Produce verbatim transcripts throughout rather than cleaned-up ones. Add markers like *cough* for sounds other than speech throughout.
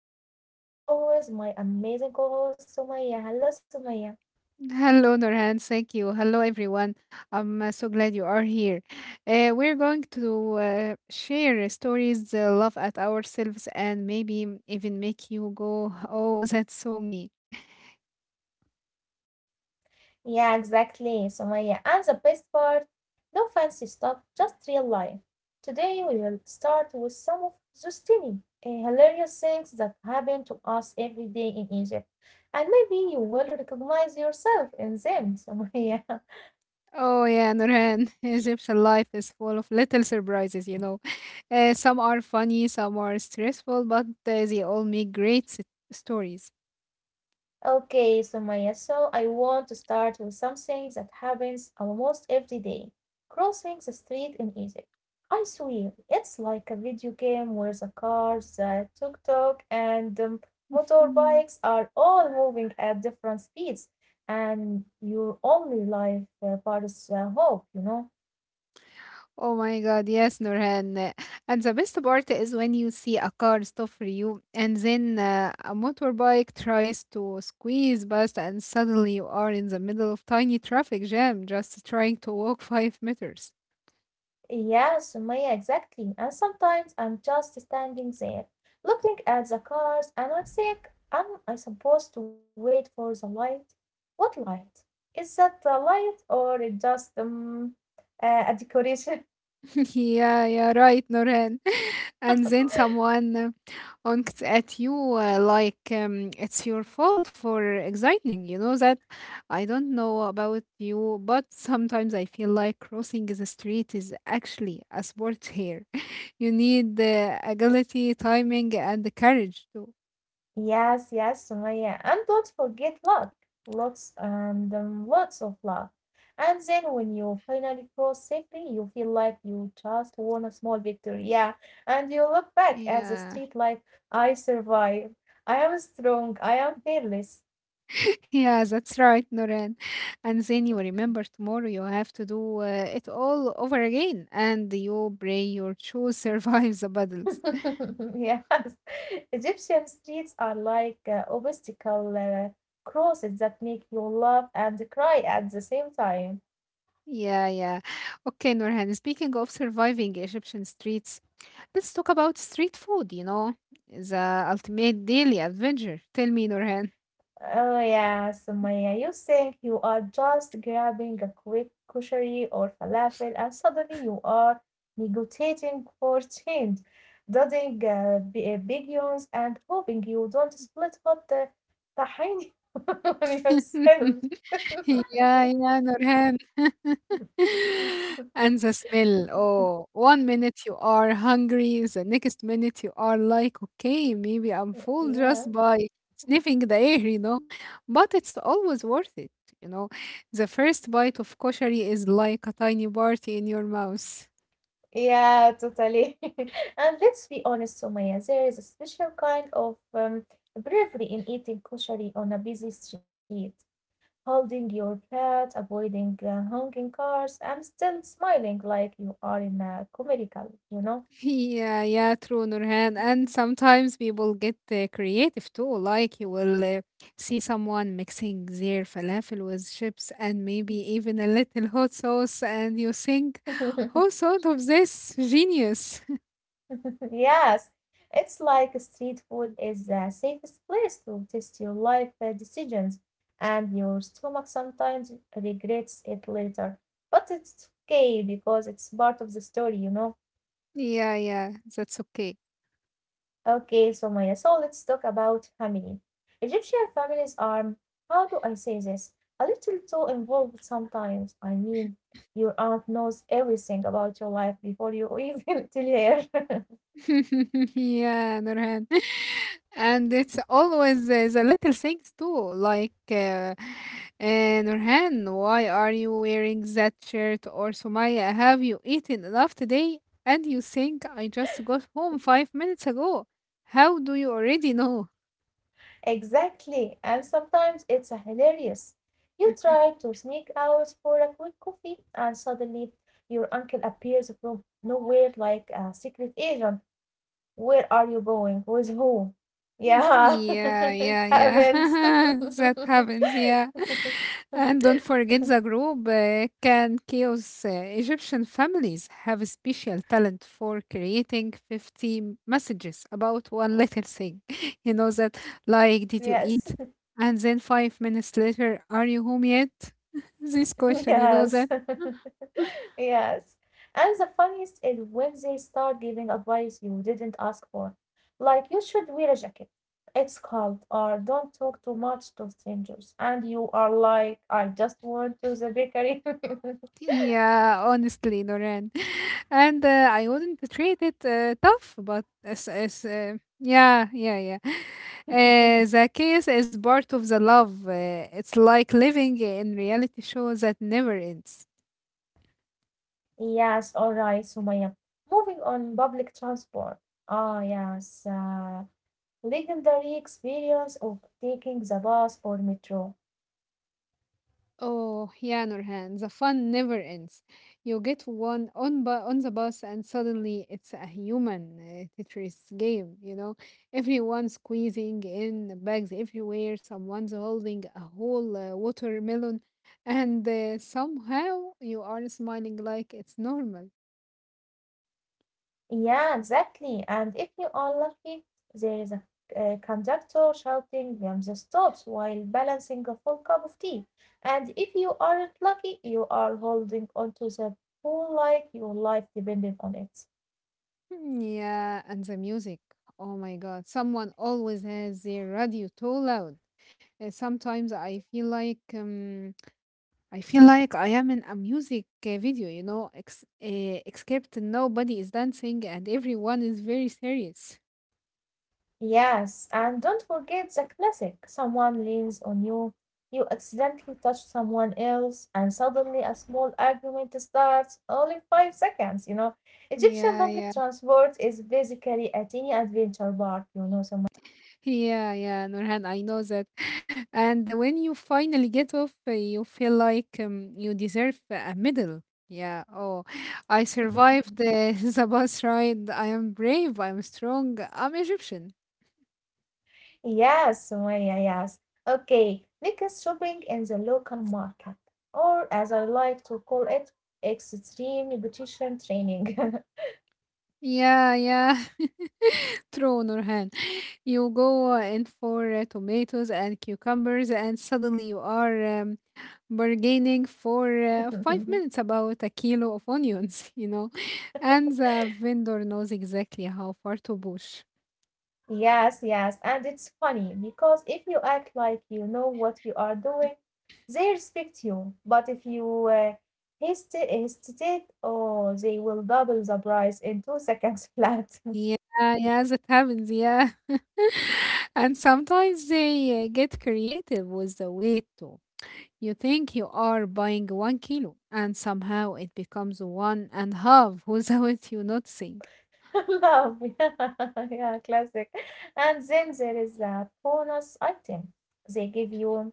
with me, as always, my amazing co host, Sumaya. Hello, Sumaya. Hello, Nurhan. Thank you. Hello, everyone. I'm uh, so glad you are here. Uh, we're going to uh, share stories, uh, laugh at ourselves, and maybe even make you go, oh, that's so me. Yeah, exactly, Sumaya. And the best part, no fancy stuff, just real life. Today we will start with some of those tiny, uh, hilarious things that happen to us every day in Egypt. And maybe you will recognize yourself in them, Sumaya. *laughs* Oh, yeah, Nurhan. *laughs* Egyptian life is full of little surprises, you know. Uh, some are funny, some are stressful, but uh, they all make great s- stories. Okay, so Maya. So I want to start with something that happens almost every day. Crossing the street in Egypt. I swear, it's like a video game where the cars, the tuk-tuk, and um, motorbikes are all moving at different speeds, and your only life uh, bar is uh, hope, you know. Oh my God, yes, Nurhan. And the best part is when you see a car stop for you, and then uh, a motorbike tries to squeeze past, and suddenly you are in the middle of tiny traffic jam, just trying to walk *laughs* five meters. Yeah, Sumaya, exactly. And sometimes I'm just standing there, looking at the cars, and I think, am I supposed to wait for the light? What light? Is that the light or it just um, uh, a decoration? Yeah, yeah, right, Noran. *laughs* And *laughs* then someone uh, honks at you uh, like um, it's your fault for exciting. You know that I don't know about you, but sometimes I feel like crossing the street is actually a sport here. *laughs* You need the agility, timing, and the courage too. Yes, yes, Sumaya. And don't forget luck. Lots and um, lots of luck. And then when you finally cross safely, you feel like you just won a small victory. Yeah. And you look back at the Yeah. street like, I survived. I am strong. I am fearless. *laughs* Yeah, that's right, Noran. And then you remember tomorrow you have to do uh, it all over again, and you pray your shoes survive the battles. *laughs* *laughs* Yes. Egyptian streets are like uh, obstacle uh, crosses that make you laugh and cry at the same time. Yeah, yeah. Okay, Norhan, speaking of surviving Egyptian streets, let's talk about street food, you know, the ultimate daily adventure. Tell me, Norhan. Oh yeah, Sumaya, you think you are just grabbing a quick kushari or falafel, and suddenly you are negotiating for change, dodging uh, b- uh, big yawns and hoping you don't split hot the tahini *laughs* on yourself. *laughs* *laughs* Yeah, yeah, Nurhan. *laughs* And the smell. Oh, one minute you are hungry, the next minute you are like, okay, maybe I'm full Yeah, just by sniffing the air, you know. But it's always worth it, you know. The first bite of koshari is like a tiny party in your mouth. yeah, totally. *laughs* And let's be honest, Sumaya, there is a special kind of um, bravery in eating kushari on a busy street. Holding your pet, avoiding uh, honking cars, and still smiling like you are in a comedical, you *laughs* know? Yeah, yeah, true, Nurhan. And sometimes people get uh, creative too. Like you will uh, see someone mixing their falafel with chips and maybe even a little hot sauce, and you think, *laughs* who thought of this? Genius. Yes, it's like street food is the safest place to test your life uh, decisions, and your stomach sometimes regrets it later. But it's okay because it's part of the story, you know. *laughs* Yeah, yeah, that's okay. Okay, so Maya, so let's talk about family. Egyptian families are, how do I say this? A little too involved sometimes. I mean, your aunt knows everything about your life before you *laughs* even tell her. *laughs* *laughs* Yeah, Nurhan. *laughs* And it's always uh, the little things too, like uh, uh, Nurhan, why are you wearing that shirt? Or Sumaya, have you eaten enough today? And you think I just got home five minutes ago. How do you already know? Exactly. And sometimes it's a hilarious. You try to sneak out for a quick coffee, and suddenly your uncle appears from nowhere like a secret agent. Where are you going? With who? Mhm. Yeah. *laughs* Yeah, yeah, yeah. Happens. *laughs* That happens, yeah. *laughs* *laughs* And don't forget the group uh, can chaos. Uh, Egyptian families have a special talent for creating fifty messages about one little thing. *laughs* You know that, like, did you Yes, eat? And then five minutes later, are you home yet? *laughs* This *laughs* question, yes, you know that? *laughs* yes. And the funniest is when they start giving advice you didn't ask for. Like, you should wear a jacket. It's cold, or don't talk too much to strangers. And you are like, I just went to the bakery. Yeah, honestly, Noran. *laughs* And uh, I wouldn't treat it uh, tough, but it's, it's, uh, yeah, yeah, yeah. Uh, *laughs* the chaos is part of the love. Uh, it's like living in reality show that never ends. Yes, all right, Sumaya. Moving on, public transport. Ah, yes. Uh, Legendary experience of taking the bus or metro. Oh, yeah, Nurhan, the fun never ends. You get one on bu- on the bus, and suddenly it's a human uh, Tetris game. You know, everyone squeezing in bags everywhere. Someone's holding a whole uh, watermelon, and uh, somehow you are smiling like it's normal. Yeah, exactly. And if you are lucky, there is a, a conductor shouting um, the stops while balancing a full cup of tea. And if you aren't lucky, you are holding onto the pole like your life depended on it. Mm, yeah, and the music. Oh my God, someone always has their radio too loud. Uh, sometimes I feel like. Um, I feel like I am in a music uh, video, you know, ex- uh, except nobody is dancing and everyone is very serious. Yes, and don't forget the classic. Someone leans on you, you accidentally touch someone else, and suddenly a small argument starts only five seconds, you know. Egyptian Yeah, public yeah, transport is basically a teeny adventure park, you know, Somalia. yeah, yeah, Nurhan, I know that. *sighs* *laughs* And when you finally get off, uh, you feel like um, you deserve a medal. Yeah, oh, I survived *laughs* the, *laughs* the bus ride. I am brave, I am strong, I'm Egyptian. Yes, Sumaya, yes. Okay, because shopping in the local market, or as I like to call it, extreme nutrition training. Yeah, yeah, *laughs* true, Nurhan. You go in for uh, tomatoes and cucumbers, and suddenly you are um, bargaining for uh, *laughs* five minutes about a kilo of onions, *laughs* you know, and the vendor knows exactly how far to push. Yes, yes. And it's funny because if you act like you know what you are doing, they respect you. But if you uh, hesitate, hesitate, oh, they will double the price in two seconds flat. Yeah, yes, it happens. Yeah. *laughs* And sometimes they uh, get creative with the weight too. You think you are buying one kilo, and somehow it becomes one and half *laughs* without you noticing. *laughs* Love. Yeah, *laughs* yeah, classic. And then there is a bonus item they give you.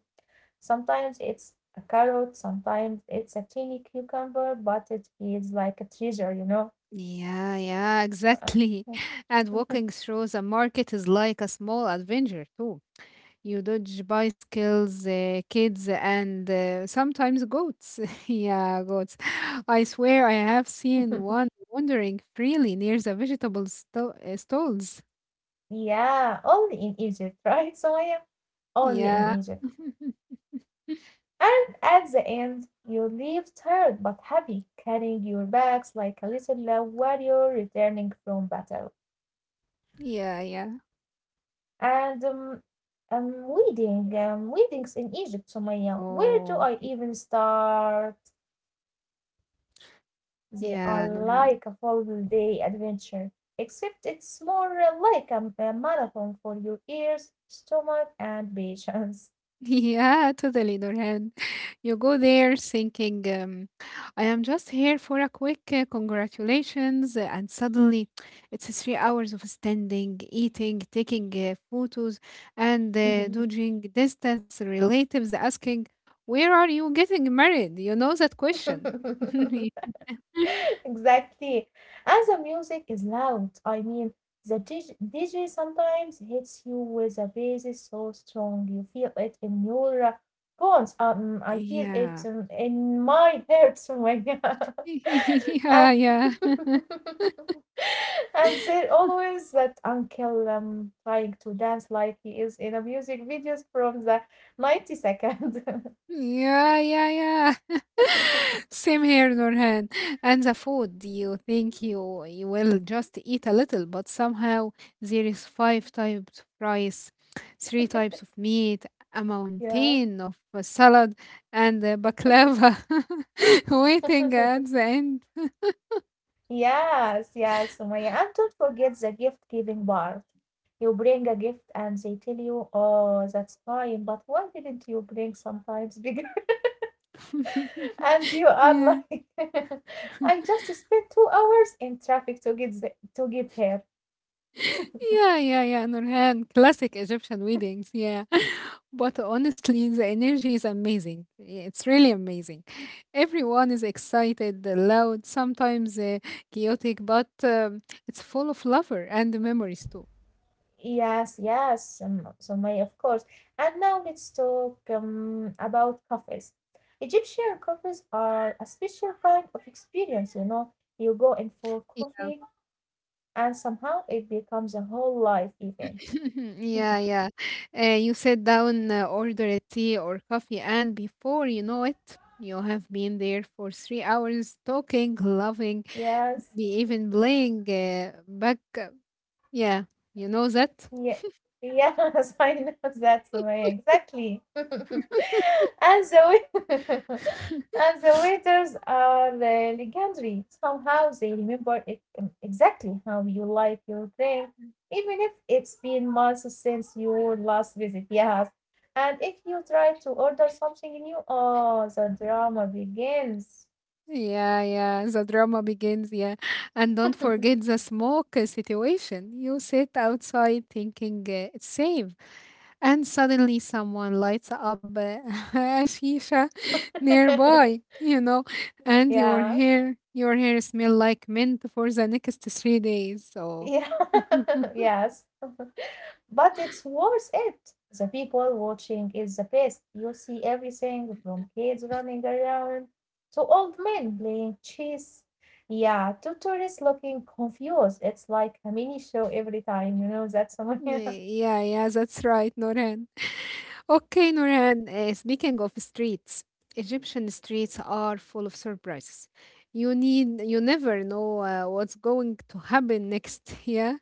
Sometimes it's a carrot, sometimes it's a tiny cucumber, but it feels like a treasure, you know? Yeah, yeah, exactly. *laughs* And walking through the market is like a small adventure too. You dodge bicycles, uh, kids, and uh, sometimes goats. *laughs* Yeah, goats. *laughs* I swear I have *laughs* seen one wandering freely near the vegetable sto- uh, stalls. Yeah, only in Egypt, *laughs* right, Sumaya? Only Yeah. in Egypt. *laughs* And at the end, you leave tired but happy, carrying your bags like a little uh, warrior returning from battle. Yeah, yeah. And um, um, wedding, um, weddings in Egypt, Sumaya. Where do Oh, I y- even start? They are yeah. No- like a full day adventure, except it's more uh, like a, a marathon for your ears, stomach, and patience. *laughs* Yeah, totally, Nurhan. *laughs* You go there thinking, um, I am just here for a quick uh, congratulations, uh, and suddenly it's three hours of standing, eating, taking uh, photos, and uh, dodging distance, relatives asking, where are you getting married? You know that question. *laughs* *laughs* Exactly. And the music is loud. I mean, the D J, sometimes hits you with a bass so strong. You feel it in your uh, bones. Um, I feel it Yeah. um, in my head somewhere. *laughs* *laughs* and Yeah, yeah. *laughs* and there *laughs* always that uncle um, trying to dance like he is in a music videos from the nineties second. Yeah, yeah, yeah. *laughs* Same here, Nurhan. And the food, you think you you will just eat a little, but somehow there is five types of rice, three types of meat, a *laughs* yeah. mountain of uh, salad, and uh, baklava *laughs* *laughs* waiting at the end. Yes, yes, Sumaya. And don't forget the gift giving part. You bring a gift and they tell you, oh, that's fine, but why didn't you bring sometimes bigger? *laughs* And *laughs* you are Yeah. like, *laughs* I just spent two hours in traffic to get the, to get here. Yeah, yeah, yeah, Nurhan. Classic Egyptian weddings, yeah. *laughs* But honestly, the energy is amazing. Yeah, it's really amazing. Everyone is excited, uh, loud, sometimes uh, chaotic, but um, it's full of love and memories too. Yes, yes, um, Sumaya, of course. And now let's talk um, about coffees. Egyptian coffees are a special kind of experience, you know. You go in for Y- coffee, and somehow it becomes a whole life event. *laughs* Yeah, yeah. Uh, you sit down, uh, order a tea or coffee, and before you know it, you have been there for three hours talking, loving, Yes. maybe even playing uh, back yeah, you know that? Yeah. Yes, *laughs* I know that's the way, exactly. *laughs* And the wai- *laughs* and the waiters are le- legendary. Somehow they remember e- um, exactly how you like your drink, even if it's been months since your last visit. Yes. And if you try to order something new, oh, the drama begins. Yeah, yeah, the drama begins, yeah. And don't forget the smoke uh, situation. You sit outside thinking uh, it's safe, and suddenly someone lights up uh, *laughs* a shisha nearby, *laughs* you know, and Yeah. your hair, your hair smell like mint for the next three days. So, Yeah. *laughs* *laughs* Yes. But it's worth it. The people watching is the best. You see everything from kids running around to old men playing chess. Yeah, to tourists looking confused. It's like a mini show every time, you know, that's *laughs* one. yeah, yeah, that's right, Nurhan. *laughs* Okay, Nurhan, uh, speaking of streets, Egyptian streets are full of surprises. You need, you never know uh, what's going to happen next. *laughs* Yeah.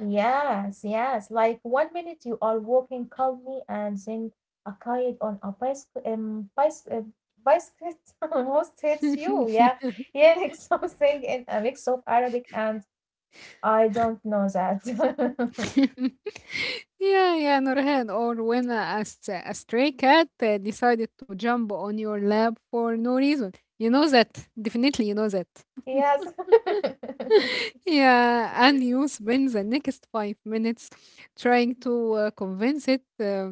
Yes, yes. Like one minute you are walking calmly and then a kid on a bicycle, um, bicycle, um, bicycle *laughs* almost hits you. Yeah, hearing *laughs* something in a mix of Arabic and I don't know that. *laughs* *laughs* Yeah, yeah, Nurhan. Or when a, s- a stray cat uh, decided to jump on your lap for no reason. You know that. Definitely, you know that. Yes. *laughs* Yeah, and you spend the next five minutes trying to uh, convince it uh,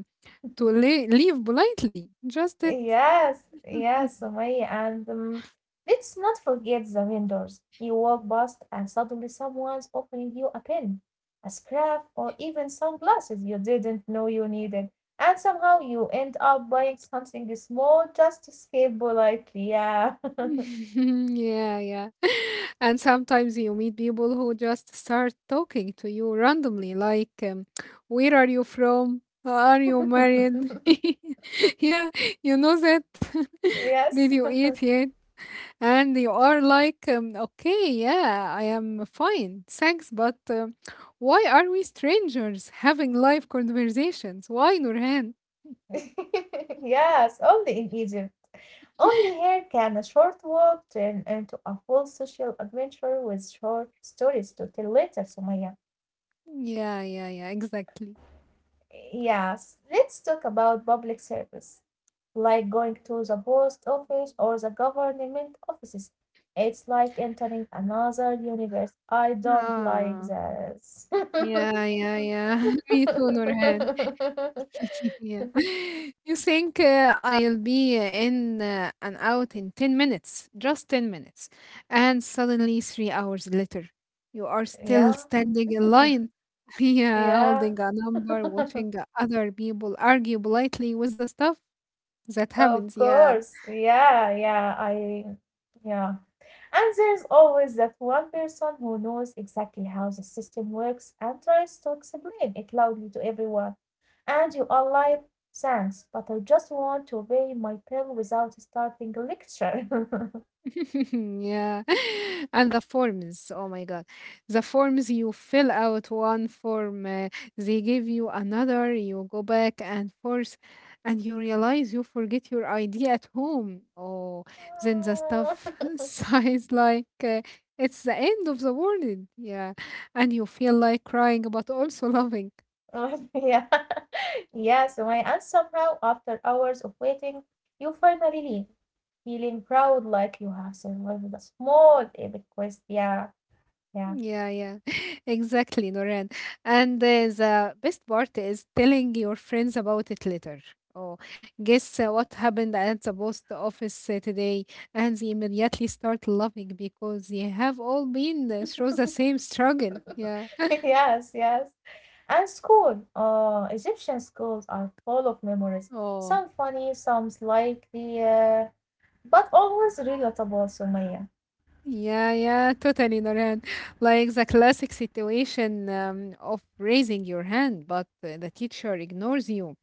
to le- leave politely. Just it. Yes, yes, Sumaya. And um, let's not forget the vendors. You walk past and suddenly someone's offering you a pen, a scarf, or even sunglasses you didn't know you needed. And somehow you end up buying something small just to escape politely. Yeah. *laughs* Yeah, yeah. *laughs* And sometimes you meet people who just start talking to you randomly, like, um, where are you from? Are you *laughs* married? *laughs* Yeah, you know that. *laughs* Did Yes. you eat yet? And you are like, um, okay, yeah, I am fine, thanks, but um, why are we strangers having live conversations? Why, Nurhan? *laughs* Yes, only in Egypt. Only here can a short walk turn into a full social adventure with short stories to tell later, Sumaya. Yeah, yeah, yeah, exactly. Yes, let's talk about public service, like going to the post office or the government offices. It's like entering another universe. I don't like Ah, this. *laughs* yeah, yeah, yeah. *laughs* Me too, Nurhan. *laughs* Yeah. *laughs* You think uh, I'll be in uh, and out in ten minutes, just ten minutes. And suddenly, three hours later, you are yeah, still standing in line, *laughs* yeah, yeah. holding a number, watching *laughs* other people argue politely with the stuff that Of happens. Yeah. course. Yeah, yeah. I yeah. And there's always that one person who knows exactly how the system works and tries to explain it loudly to everyone. And you are like, thanks, but I just want to pay my bill without starting a lecture. *laughs* Yeah. *laughs* And the forms, oh my God. The forms you fill out one form, uh, they give you another, you go back and forth, and you realize you forget your I D at home. Oh, then the stuff *laughs* sighs like uh, it's the end of the world. Yeah. And you feel like crying, but also *laughs* loving. *laughs* yeah. *laughs* yeah, so my aunt somehow, after hours of waiting, you finally leave, feeling proud like you have survived a small epic quest. Yeah, yeah. Yeah, yeah, *laughs* exactly, Noran. And uh, the best part is telling your friends about it later. Oh, guess uh, what happened at the post office uh, today? And they immediately start laughing because they have all been uh, through the same struggle. Yeah. *laughs* yes, yes. And school, uh, Egyptian schools are full of memories. Oh, Some funny, some slightly, uh, but always relatable, Sumaya. yeah, yeah, totally, Noran. Like the classic situation um, of raising your hand, but uh, the teacher ignores you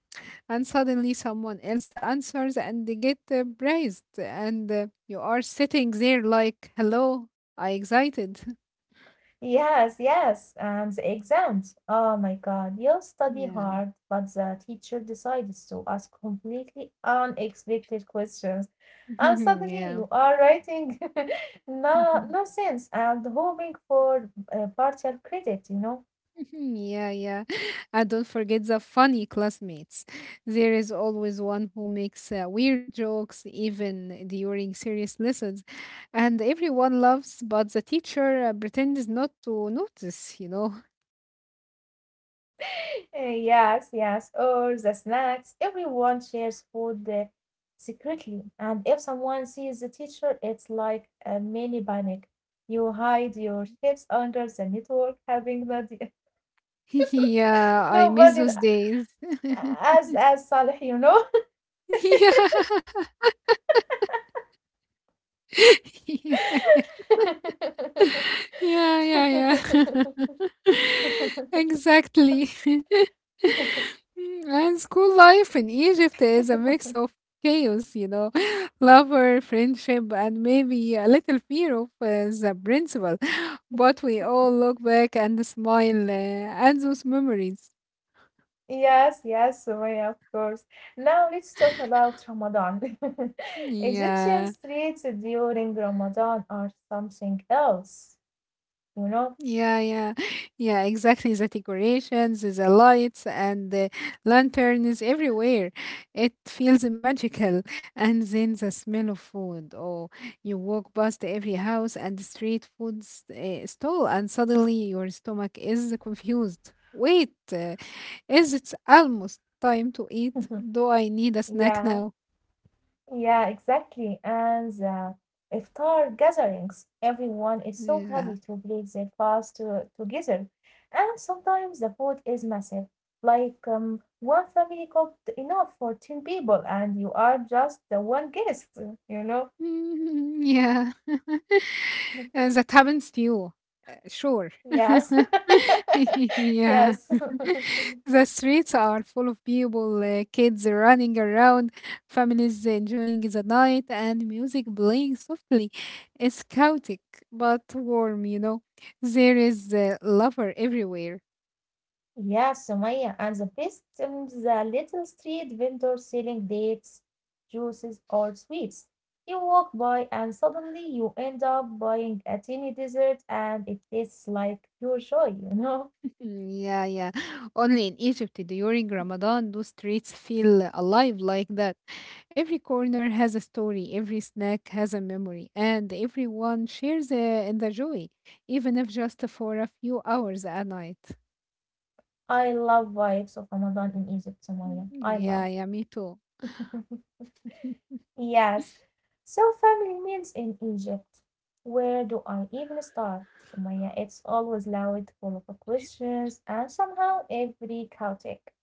and suddenly someone else answers and they get uh, praised and uh, you are sitting there like hello I excited. Yes, yes. And the exams. Oh my God, you study *laughs* Yeah. hard, but the teacher decides to ask completely unexpected questions. And *laughs* suddenly Yeah. you are writing *laughs* no *laughs* nonsense and hoping for uh, partial credit, you know. Yeah, yeah. *laughs* And don't forget the funny classmates, there is always one who makes uh, weird jokes even during serious lessons, and everyone loves but the teacher uh, pretends not to notice, you know. Eh, yes, yes. Or the snacks. Everyone shares food uh, secretly. And if someone sees the teacher, it's like a mini panic. You hide your chips under the network, having nobody, *laughs* Yeah, *laughs* I miss nobody those days. *laughs* as as Salih, you know. Yeah. *laughs* *laughs* Yeah, *laughs* yeah, yeah, yeah, *laughs* exactly. *laughs* Mm, and school life in Egypt is a mix of chaos, you know, *laughs* lover, friendship, and maybe a little fear of uh, the principal. *laughs* But we all look back and smile uh, at those memories. Yes, yes, Sumaya, of course. Now let's talk about Ramadan. *laughs* Egyptian Yeah. streets during Ramadan are something else, you know. Yeah, yeah, *laughs* yeah, exactly. The decorations, the lights, and the lanterns everywhere. It feels magical. And then the smell of food. Oh, you walk past every house and street food s- uh, stall, and suddenly your stomach is confused. Wait, uh, is it almost time to eat? Mhm. Do I need a snack Yeah, now? yeah, exactly. And the iftar gatherings, everyone is so happy to Yeah. break their fast to, together. And sometimes the food is massive. Like um, one family cooked enough for ten people, and you are just the one guest, you know? *laughs* Yeah. *laughs* *laughs* And that happens to you. Sure. Yes. *laughs* *laughs* Yeah. Yes. *laughs* The streets are full of people, uh, kids running around, families enjoying the night, and music playing softly. It's chaotic but warm, you know. There is uh, lover everywhere. Yeah, Sumaya, and the best um, the little street vendor selling dates, juices, or sweets. You walk by and suddenly you end up buying a tiny dessert and it tastes like pure joy, you know? Mm, yeah, yeah. Only in Egypt during Ramadan do streets feel alive like that. Every corner has a story, every snack has a memory, and everyone shares uh, in the joy, even if just for a few hours at night. I love vibes of Ramadan in Egypt, Mm, Sumaya. I yeah, love. yeah, me too. *laughs* Yes. So family meals in Egypt. Where do I even start? Sumaya, it's always loud, full of questions, and somehow every chaotic.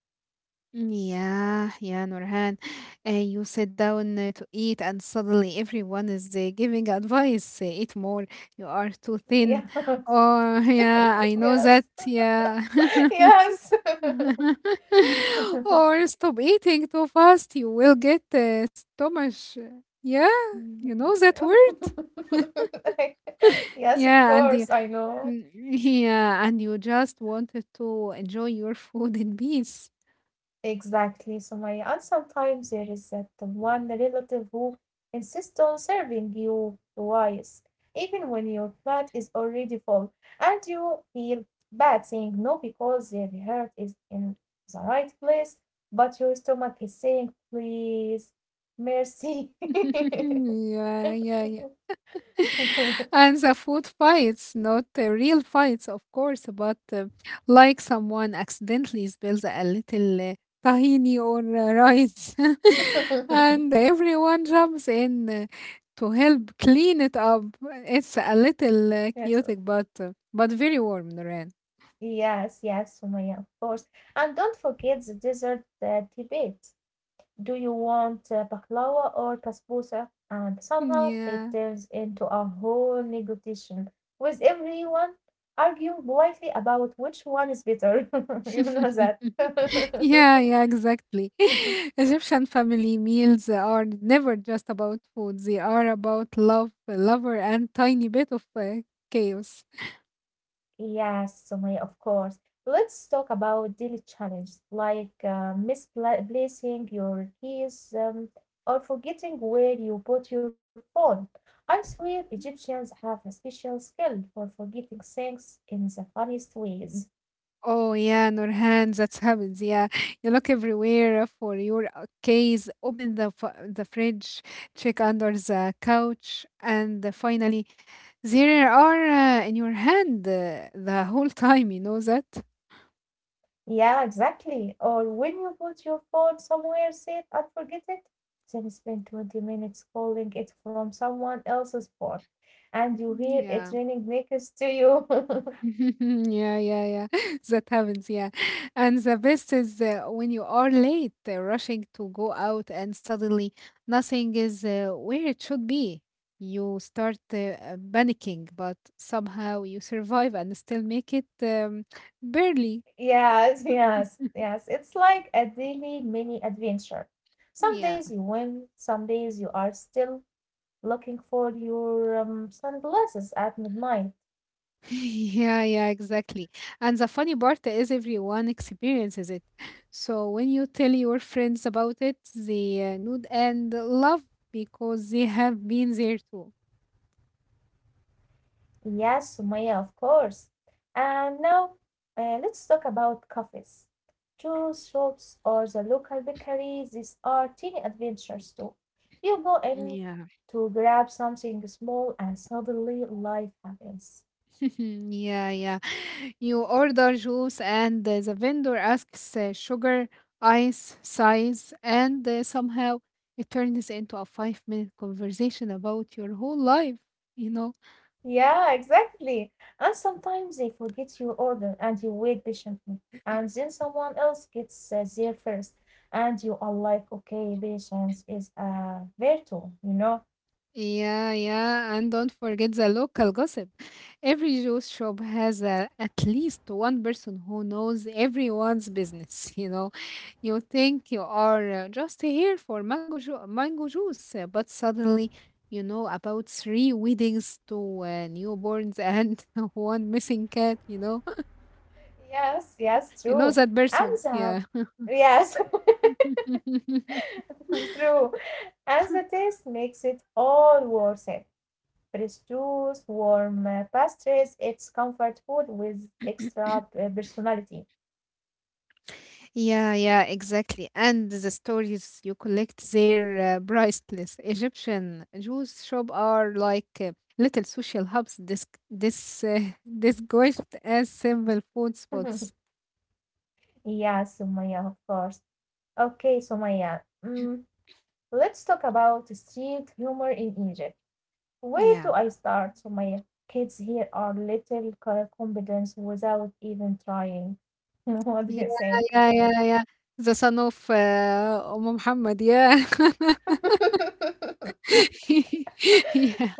Yeah, yeah, Nurhan. Uh, you sit down uh, to eat, and suddenly everyone is uh, giving advice. Uh, eat more. You are too *laughs* Yeah. thin. Oh, *laughs* yeah, I know yes. that. Yeah. *laughs* *laughs* Yes. *laughs* *laughs* Or stop eating too fast, you will get uh, stomach. Yeah, you know that word. *laughs* Yes, of Yeah, and course, you, I know. mm, yeah, and you just wanted to enjoy your food in peace. Exactly, Sumaya. And sometimes there is that one relative who insists on serving you twice, even when your plate is already full, and you feel bad saying no because their heart is in the right place, but your stomach is saying, please, mercy. *laughs* *laughs* Yeah, yeah, yeah. And the food fights, not uh, real fights, of course, but uh, like someone accidentally spills a little uh, tahini or uh, rice, *laughs* *laughs* and everyone jumps in uh, to help clean it up. It's a little Yes. uh, chaotic, but uh, but very warm, Noreen. Yes, yes, Sumaya, of course. And don't forget the dessert uh, debate. Do you want uh, baklava or basbousa? And somehow it Yeah. turns into a whole negotiation with everyone arguing politely about which one is better. *laughs* You know that. *laughs* Yeah, yeah, exactly. *laughs* *laughs* Egyptian family meals are never just about food, they are about love, lover, and tiny bit of uh, chaos. Yes, Sumaya, of course. Let's talk about daily challenges like uh, misplacing your keys um, or forgetting where you put your phone. I swear Egyptians have a special skill for forgetting things in the funniest ways. Oh, yeah, Nurhan, that's happens. Yeah, you look everywhere for your uh, case, open the, f- the fridge, check under the couch, and uh, finally, there are uh, in your hand uh, the whole *laughs* time, you know that? Yeah, exactly. Or when you put your phone somewhere safe and forget it, then spend twenty minutes calling it from someone else's phone and you hear it Yeah. ringing next to you. *laughs* *laughs* Yeah, yeah, yeah. *laughs* That happens, yeah. And the best is uh, when you are late, uh, rushing to go out, and suddenly nothing is uh, where it should be. You start uh, uh, panicking, but somehow you survive and still make it um, barely. *laughs* Yes, yes, yes. It's like a daily mini adventure. Some Yeah. days you win, some days you are still looking for your um, sunglasses at midnight. *laughs* Yeah, yeah, exactly. And the funny part is everyone experiences it. So when you tell your friends about it, they uh, nod and love because they have been there too. Yes, Sumaya, of course. And now uh, let's talk about cafes. Juice shops or the local bakery, these are teeny adventures too. You go in Yeah, to grab something small and suddenly life happens. *laughs* yeah, yeah. You order juice, and uh, the vendor asks uh, sugar, ice, size, and uh, somehow it turns into a five minute conversation about your whole life, you know. Yeah, exactly. And sometimes they forget your order and you wait patiently. And then someone else gets uh, there first. And you are like, okay, patience is a virtue, you know? Yeah, yeah, and don't forget the local gossip. Every juice shop has a, at least one person who knows everyone's business. *laughs* You know, you think you are uh, just here for mango ju- mango juice, uh, but suddenly you know about three weddings, two uh, newborns, and *laughs* one missing cat. You know, Yes, yes, *laughs* true. you know that And person. the, Yeah. yes, *laughs* *laughs* true. And the taste makes it all worth it. Prosciutto, warm uh, pastries, it's comfort food with extra uh, personality. Yeah, yeah, exactly. And the stories you collect there, uh, priceless. Egyptian Jews shop are like uh, little social hubs, this, this, uh, *laughs* disguised as simple food *laughs* spots. Yes, Sumaya, of course. Okay, Sumaya. Mm, let's talk about street humor in Egypt. Where do Yeah, I start, Sumaya? Kids here are little co- confidence without even trying. *laughs* What do yeah, you think? yeah, yeah, yeah. The son of uh, Umm Muhammad. Yeah, *laughs* yeah.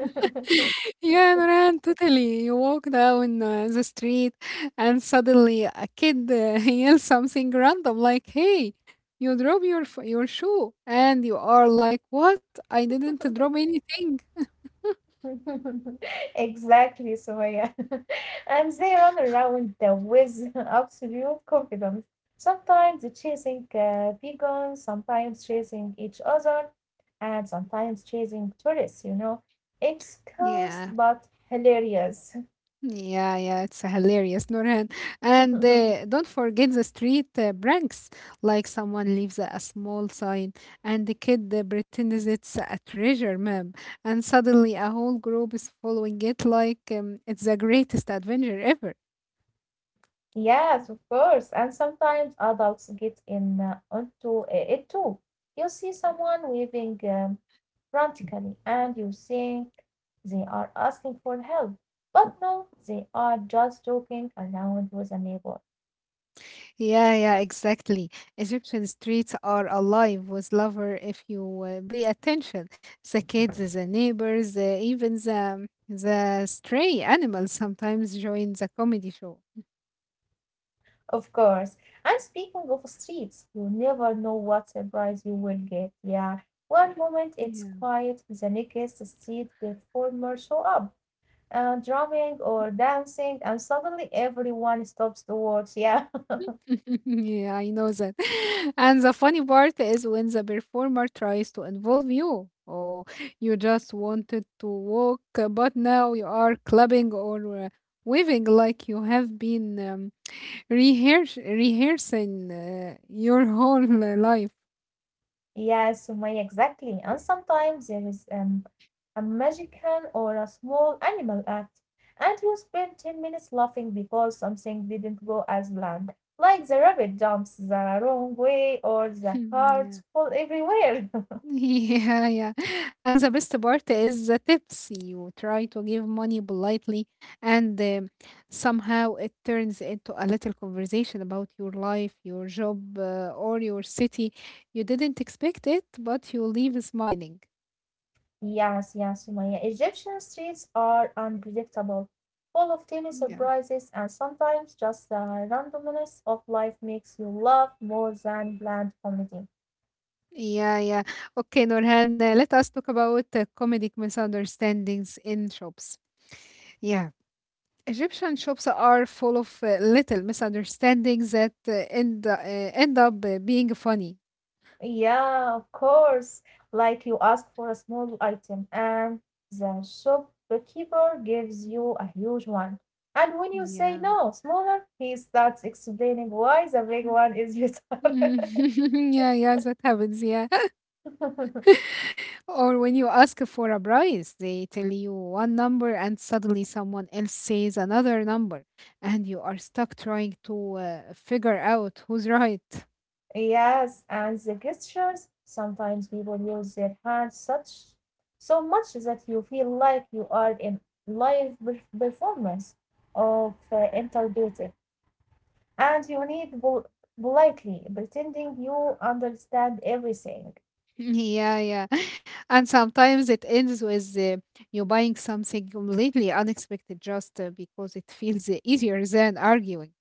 Yeah, Noran, totally. You walk down uh, the street and suddenly a kid uh, *laughs* yells something random like, "Hey, you drop your f- your shoe," and you are like, "What? I didn't drop anything." *laughs* Exactly, Sumaya. *laughs* And they run around the- with *laughs* absolute confidence. Sometimes chasing uh, vegans, sometimes chasing each other, and sometimes chasing tourists, you know. It's chaos Yeah. but hilarious. *laughs* Yeah, yeah, it's hilarious, Nurhan. And uh, *laughs* don't forget the street uh, pranks, like someone leaves a small sign and the kid uh, pretends it's a treasure map, and suddenly a whole group is following it like um, it's the greatest adventure ever. Yes, of course. And sometimes adults get in uh, onto uh, it too. You see someone waving um, frantically, and you think they are asking for help. But no, they are just joking around with a neighbor. Yeah, yeah, exactly. Egyptian streets are alive with lover if you uh, pay attention. The kids, the neighbors, uh, even the, the stray animals sometimes join the comedy show. Of course. And speaking of streets, you never know what surprise you will get. Yeah. One moment it's Yeah. quiet, the next street performer show up. Uh, drumming or dancing, and suddenly everyone stops to watch. Yeah, *laughs* Yeah, I know that. *laughs* And the funny part is when the performer tries to involve you. Oh, you just wanted to walk, uh, but now you are clubbing or uh, waving like you have been um, rehears- rehearsing uh, your *laughs* whole uh, life. *laughs* yes, Sumaya, exactly. And sometimes there is um, a magician or a small animal act, and you spend ten minutes laughing because something didn't go as planned. Like the rabbit jumps the wrong way or *laughs* the cards Yeah. fall everywhere. *laughs* Yeah, yeah. And the best part is the tips. You try to give money politely, and um, somehow it turns into a little conversation about your life, your job, uh, or your city. You didn't expect it, but you leave smiling. Yes, yes, Sumaya. Egyptian streets are unpredictable, full of tiny Yeah. surprises, and sometimes just the randomness of life makes you laugh more than bland comedy. Yeah, yeah. Okay, Nurhan, uh, let us talk about uh, comedic misunderstandings in shops. Yeah. Egyptian shops are full of uh, little misunderstandings that uh, end, uh, end up uh, being funny. Yeah, of course. Like you ask for a small item, and the shopkeeper gives you a huge one. And when you say Yeah. no, smaller, he starts explaining why the big Mm. *laughs* one is better. *laughs* Yeah, yeah, that happens. Yeah. *laughs* Or when you ask for a price, they tell you one number and suddenly someone else says another number, and you are stuck trying to uh, figure out who's right. Yes, and the gestures. Sometimes people use their hands such so much that you feel like you are in live perf- performance of uh, interpretive, and you need pol politely pretending you understand everything. Yeah, yeah. *laughs* And sometimes it ends with uh, you buying something completely unexpected just uh, because it feels uh, easier than arguing.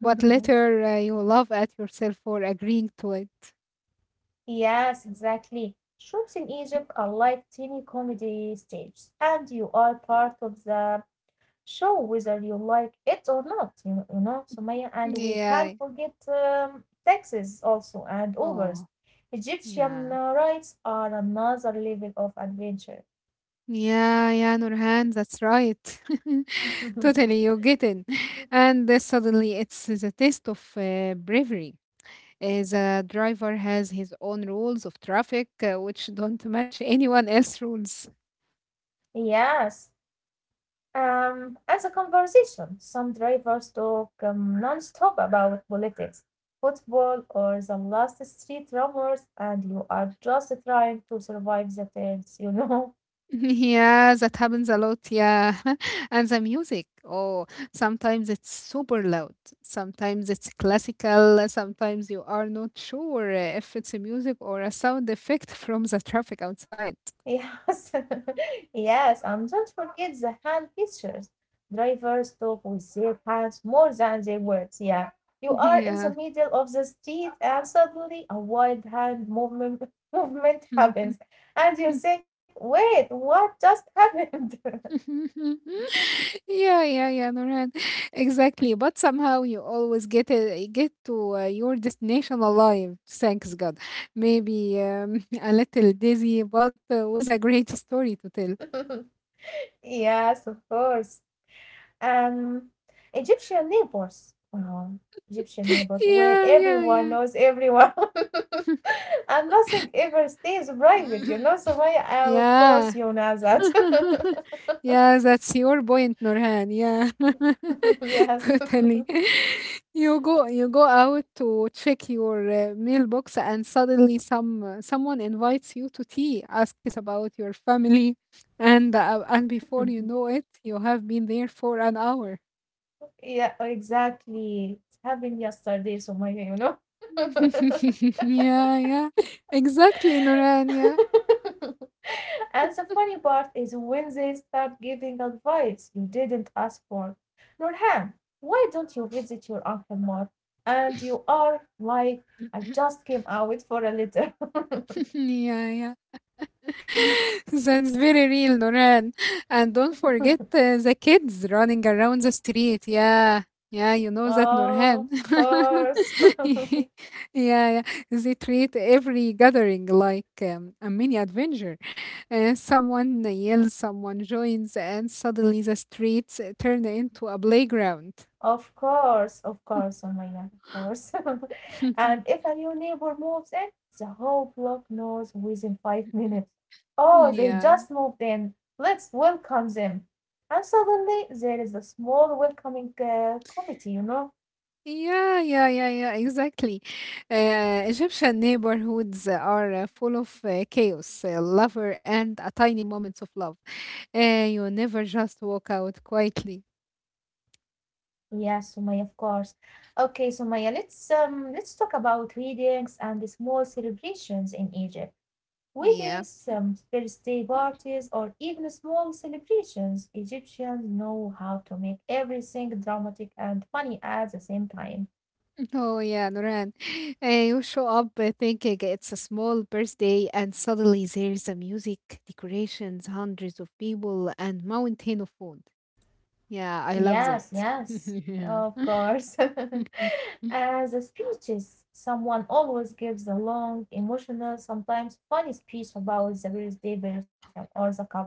But later uh, you laugh at yourself for agreeing to it. Yes, exactly. Shops in Egypt are like tiny comedy stages, and you are part of the show whether you like it or not, you, you know, Sumaya. And we can't Yeah. forget um, taxis also and Ubers. Oh. Egyptian Yeah. uh, rides are another level of adventure. Yeah, yeah, Nurhan, that's right. *laughs* *laughs* Totally, you get it. And uh, suddenly it's the test of uh, bravery. Uh, the driver has his own rules of traffic, uh, which don't match anyone else's rules. *laughs* Yes. Um, as a conversation. Some drivers talk um, non-stop about politics, football, or the last street rumors, and you are just trying to survive the turns, you know? *laughs* Yeah, that happens a lot, yeah. *laughs* And the music, oh, sometimes it's super loud, sometimes it's classical, sometimes you are not sure uh, if it's a music or a sound effect *laughs* from the traffic outside. *laughs* Yes, *laughs* yes, and don't forget the hand gestures. Drivers talk with their hands more than their words. Yeah, you are in Yeah. the middle of the street, and suddenly a wild hand movement *laughs* movement *laughs* happens, and you think, "Wait, what just happened?" *laughs* Yeah, yeah, yeah, Nurhan. *laughs* Exactly. But somehow you always get a get to uh, your destination alive. Thanks God. Maybe um, *laughs* a little dizzy, but uh, was a great story to tell. *laughs* Yes, of course. Um, Egyptian neighbors. Wow, Egyptian neighbors where Yeah, yeah, everyone yeah. knows everyone *laughs* and nothing ever stays private, you *coughs* know. So my, uh, of course, Yeah. you know that. *laughs* Yeah, that's your point, Nurhan. Yeah, *laughs* *laughs* Yes. totally. *laughs* You go, you go out to check your uh, mailbox, and suddenly some uh, someone invites you to tea, asks about your family, and uh, and before you know it, you have been there for an hour. Yeah, exactly. It happened yesterday, so my, you know. *laughs* *laughs* Yeah, yeah, *laughs* exactly, Nurhan. Yeah, *laughs* And the funny part is when they start giving advice you didn't ask for. Nurhan, why don't you visit your uncle more? And you are like, I *clears throat* just came out for a little. *laughs* yeah, yeah. *laughs* That's very real, Noran. And don't forget uh, the kids running around the street. Yeah, yeah, you *laughs* know that, Oh, Norhan. of course. *laughs* Yeah, yeah. They treat every gathering like um, a mini adventure. Uh, someone yells, someone joins, and suddenly the streets uh, turn into a playground. Of course, of course, Umayya, of course. *laughs* And *laughs* if a new neighbor moves in, the whole block knows within five minutes. Oh, they Yeah. just moved in. Let's welcome them. And suddenly there is a small welcoming uh, committee, you know? Yeah, yeah, yeah, yeah, exactly. Uh, Egyptian neighborhoods are uh, full of uh, chaos, uh, lover, and uh, tiny moments of love. Uh, you never just walk out quietly. Yes, Umayya, of course. Okay, Umayya, let's um let's talk about weddings and the small celebrations in Egypt. Yeah. Weddings, *laughs* some birthday parties, or even small celebrations, Egyptians know how to make everything dramatic and funny at the same time. Oh, yeah, Noran. Uh, you show up uh, thinking it's a small birthday, and suddenly there's a music, decorations, hundreds of people, and mountain of food. Yeah, I love Yes, that. *laughs* yes, Yeah. of course. *laughs* *laughs* As the speeches, someone always gives a long, emotional, sometimes funny speech about the birthday person or the couple,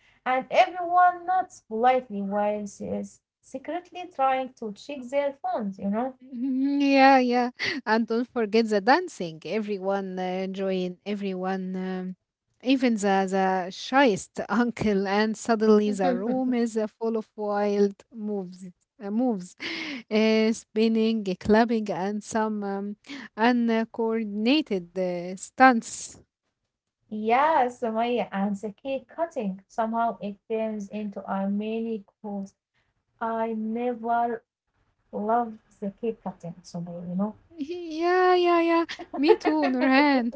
and everyone nods politely while she is secretly trying to check their phones, you know. Mhm. Yeah, yeah. And don't forget the dancing. Everyone uh, join, everyone, um, even the, the shyest *laughs* uncle. And suddenly the *laughs* room is uh, full of wild moves, uh, moves, uh, spinning, uh, clapping, and some um, uncoordinated uh, stunts. Yeah, Sumaya, and the cake cutting. Somehow it turns into a mini course. I never loved the cake cutting, Sumaya, you know. *laughs* Yeah, yeah, yeah. Me too, *laughs* Nurhan.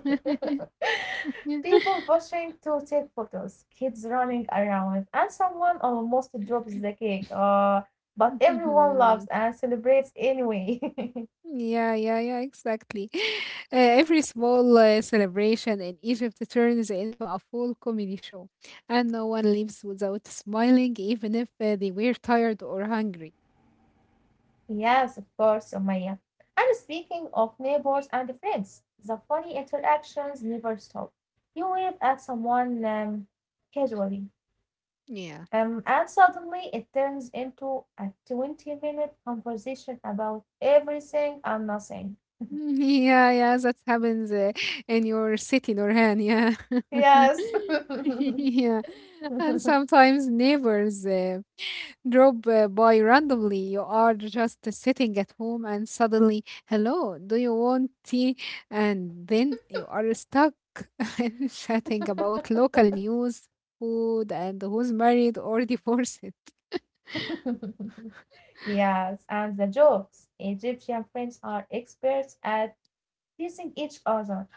People pushing to take photos, kids running around, and someone almost drops the cake. Uh, but everyone loves *laughs* *laughs* and celebrates anyway. *laughs* Yeah, yeah, yeah, exactly. *laughs* Uh, every small uh, celebration in Egypt turns into a full comedy show, and no one leaves without smiling, even if uh, they were tired or hungry. Yes, of course, Sumaya. And speaking of neighbors and friends, the funny interactions never stop. You wave at someone um, casually, Yeah. um, and suddenly it turns into a twenty minute conversation about everything and nothing. Mm, yeah, yeah, that happens uh, in your city, Norhan. Yeah. Yes. *laughs* Yeah. *laughs* And sometimes neighbors uh, drop uh, by randomly. You are just sitting at home and suddenly, hello, do you want tea? And then you are stuck *laughs* and chatting about local news, food, and who's married or divorced. Yes, and the jokes. Egyptian friends are experts at teasing each other,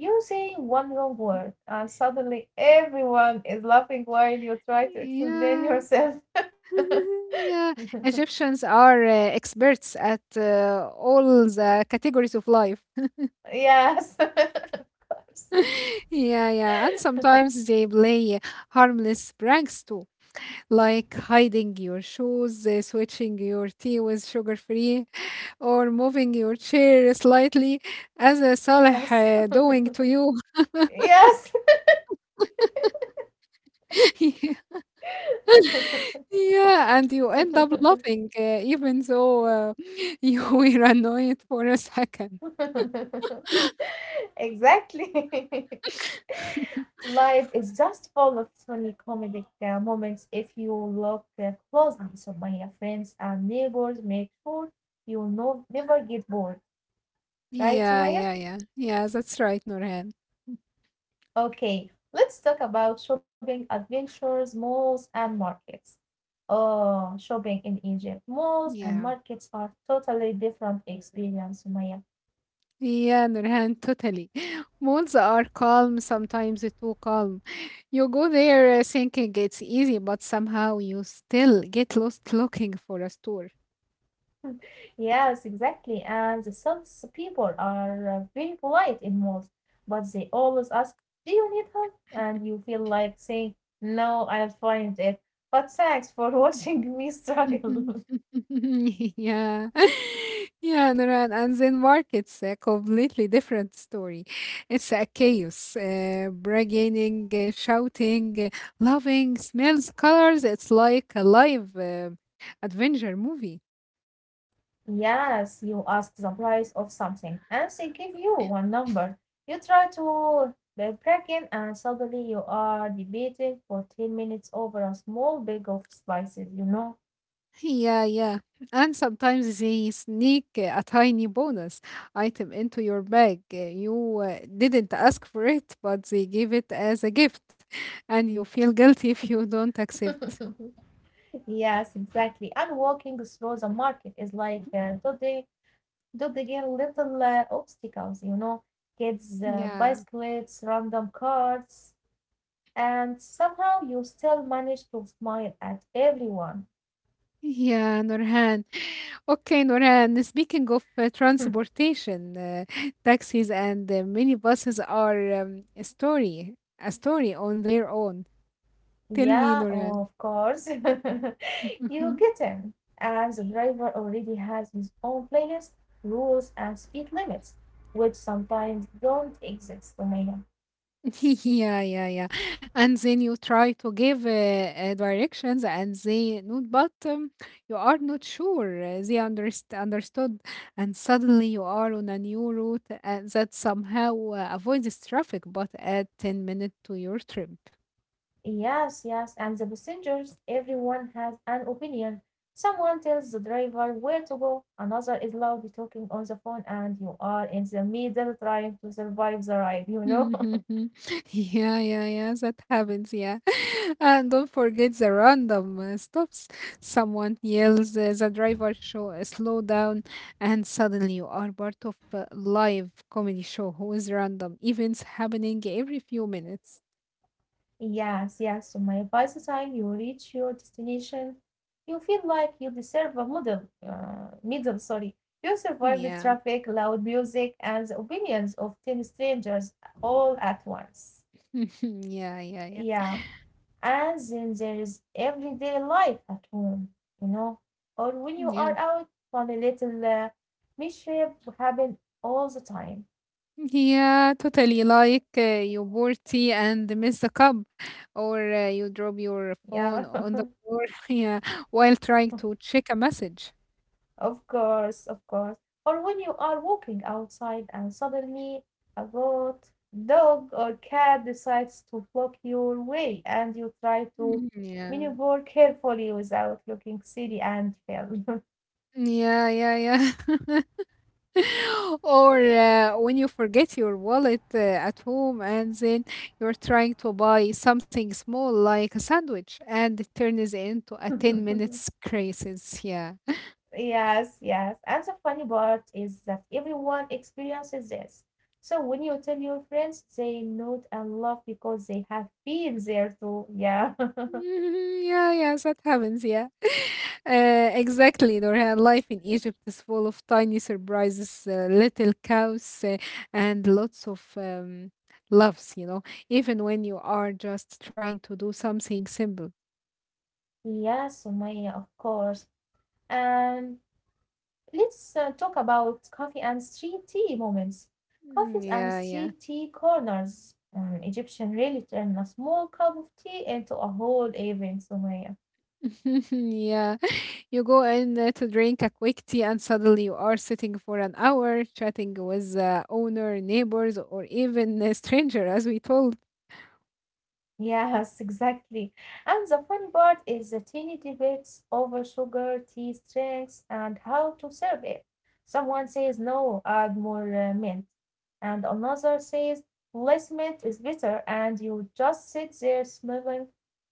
using one wrong word, and suddenly everyone is laughing while you try to explain Yeah. yourself. *laughs* Yeah. *laughs* Egyptians are uh, experts at uh, all the categories of life. Yes, *laughs* Yeah, yeah. And sometimes they play harmless pranks too, like hiding your shoes, uh, switching your tea with sugar free, or moving your chair slightly, as uh, *laughs* salah yes, uh, doing to you. yes. *laughs* Yeah, yeah, and you end up laughing, uh, even though uh, *laughs* you were annoyed for a second. *laughs* Exactly. *laughs* Life is just full of funny comedic uh, moments if you look uh, closely. So, my friends and neighbors, make sure you know, never get bored, right, Yeah, Sumaya? yeah, yeah. Yeah, that's right, Norhan. Okay, let's talk about shopping adventures, malls, and markets. Oh, shopping in Egypt. Malls and markets Yeah. are totally different experience, Maya. Yeah, Nurhan, totally. *laughs* Malls are calm, sometimes too calm. You go there uh, thinking it's easy, but somehow you still get lost looking for a store. Yes, exactly. And the South people are uh, very polite in malls, but they always ask, do you need help? And you feel like saying, no, I'll find it. But thanks for *laughs* watching me struggle. *laughs* *laughs* Yeah. *laughs* Yeah, Nurhan. And then markets, a completely different story. It's a chaos, uh, bargaining, uh, shouting, uh, loving, smells, colors. It's like a live uh, adventure movie. Yes, you ask the price of something, and they give you one number. You try to be in, and suddenly you are debating for ten minutes over a small bag of spices, you know? Yeah, yeah. And sometimes they sneak uh, a tiny bonus item into your bag. Uh, You uh, didn't ask for it, but they give it as a gift, *laughs* and you feel guilty if you don't accept. *laughs* Yes, exactly. And walking through the market is like uh, dodging, dodging little uh, obstacles, you know? Kids, uh, Yeah. bicycles, random cards, and somehow you still manage to smile at everyone. Yeah, Nurhan. Okay, Nurhan, speaking of uh, *laughs* transportation, uh, *laughs* taxis and uh, minibuses are um, a story, a story on their own. Tell me, Yeah, Nurhan. oh, of course. *laughs* You get *laughs* him. As the driver already has his own playlist, rules, and speed limits, which sometimes don't exist, Umayya. *laughs* Yeah, yeah, yeah. And then you try to give uh, uh, directions and they not, but um, you are not sure uh, they underst understood. And suddenly you are on a new route uh, that somehow uh, avoids traffic, but add ten minutes to your trip. Yes, yes, and the passengers, everyone has an opinion. Someone tells the driver where to go, another is loudly talking on the phone, and you are in the middle trying to survive the ride, you know? *laughs* Mhm, mhm. *laughs* Yeah, yeah, yeah, that happens, yeah. *laughs* And don't forget the random uh, stops. Someone yells, uh, the driver show, uh, slow down, and suddenly you are part of a live comedy show with random events happening every few minutes. Yes, yes. So my advice is, time you reach your destination, you feel like you deserve a medal. Uh, middle. Sorry. You survive with Yeah, traffic, loud music, and the opinions of ten strangers all at once. *laughs* yeah, yeah, yeah, Yeah, and then there is everyday life at home, you know, or when you are yeah. out, funny little uh, mischief happen all the time. Yeah, totally like uh, you pour tea and miss the cup, or uh, you drop your phone Yeah. on the floor, *laughs* yeah, while trying to check a message. Of course, of course. Or when you are walking outside and suddenly a goat, dog, or cat decides to block your way and you try to Mm, yeah, maneuver carefully without looking silly and fell. yeah, yeah, yeah. *laughs* Or uh, when you forget your wallet uh, at home and then you're trying to buy something small like a sandwich and it turns into a ten *laughs* minutes crisis. Yeah. Yes, yes. And the funny part is that everyone experiences this. So when you tell your friends, they nod and laugh because they have been there too. Yeah. *laughs* Mhm, yeah, yeah, that happens. Yeah, *laughs* uh, exactly. Nurhan, life in Egypt is full of tiny surprises, uh, little cows, uh, and lots of um, loves. You know, even when you are just trying to do something simple. Yes, Sumaya, of course. And let's uh, talk about coffee and street tea moments. Mm, Coffees and Yeah, yeah. street tea corners. Um, Egyptian really turn a small cup of tea into a whole event, Sumaya. *laughs* Yeah, you go in uh, to drink a quick tea, and suddenly you are sitting for an hour chatting with the owner, neighbors, or even a stranger, as we told. Yes, *laughs* exactly. And the funny part is the tiny debates over sugar, tea strengths, and how to serve it. Someone says, no, add more uh, mint. And another says, less mint is better. And you just sit there smiling,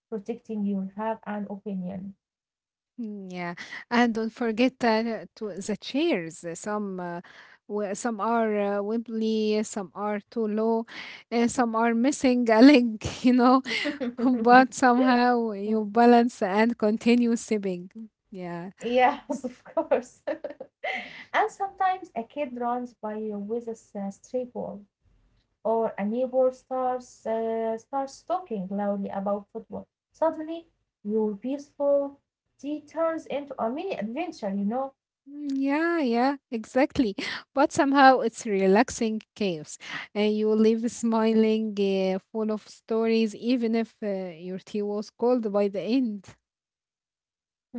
protecting your have an opinion. Mm, Yeah, and don't forget uh, to the chairs. uh, Some uh, w- some are uh, wibbly, some are too low, uh, some are missing a leg, *laughs* you know. *laughs* But *laughs* somehow you balance and continue sipping. Yeah. Yes, of course. *laughs* And sometimes a kid runs by with a s- a stray ball, or a neighbor starts uh, starts talking loudly about football. Suddenly, your peaceful tea turns into a mini adventure, you know? Mm, yeah, yeah, exactly. But somehow it's relaxing chaos, and you leave smiling, uh, full of stories, even if uh, your tea was cold by the end.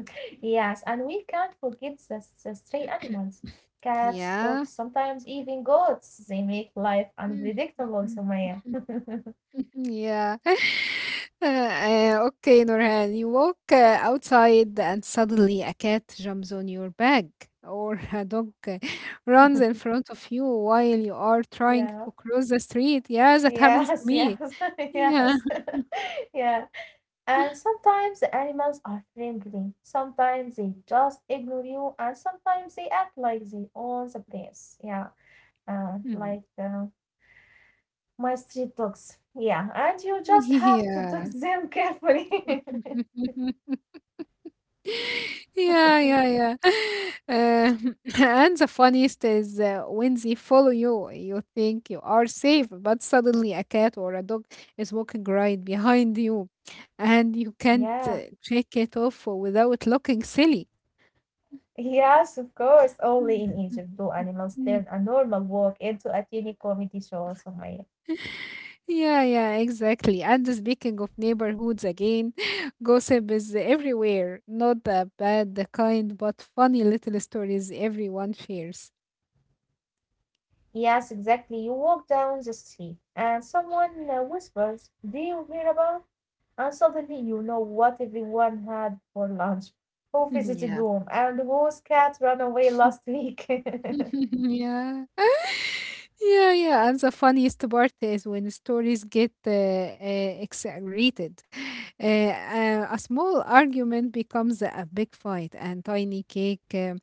*laughs* Yes, and we can't forget the, s- the stray *clears throat* animals. Cats, Yeah. dogs, sometimes even goats. They make life Mm. unpredictable, *laughs* Sumaya. *laughs* Yeah. *laughs* Uh, okay, Nurhan. You walk uh, outside and suddenly a cat jumps on your bag or *laughs* a dog uh, runs in front of you while you are trying to cross the street. Yeah, that happens to Yes, me. yes, *laughs* Yeah. yes, *laughs* *laughs* yeah. And sometimes the animals are friendly, sometimes they just ignore you, and sometimes they act like they own the place. Yeah, uh, like Mm. uh, my street dogs. Yeah, and you just have to dog Yeah. *laughs* them carefully. *laughs* *laughs* Yeah, yeah, yeah. Uh, *laughs* and the funniest is uh, when they follow you, you think you are safe, but suddenly a cat or a dog is walking right behind you, and you can't Yeah, uh, shake it off without looking silly. yes, of course. Only in Egypt do animals turn Mm. a normal walk into a teeny comedy show, Sumaya. Yeah, yeah, exactly. And speaking of neighborhoods again, *laughs* gossip is everywhere. Not the bad kind, but funny little stories everyone shares. Yes, exactly. You walk down the street and someone uh, whispers, do you hear about? And suddenly you know what everyone had for lunch, who visited *laughs* Yeah. whom, and whose cat ran away last *laughs* week. *laughs* Yeah, yeah, yeah. And the funniest part is when stories get uh, uh, exaggerated. Uh, uh, a small argument becomes a big fight, and tiny cake um,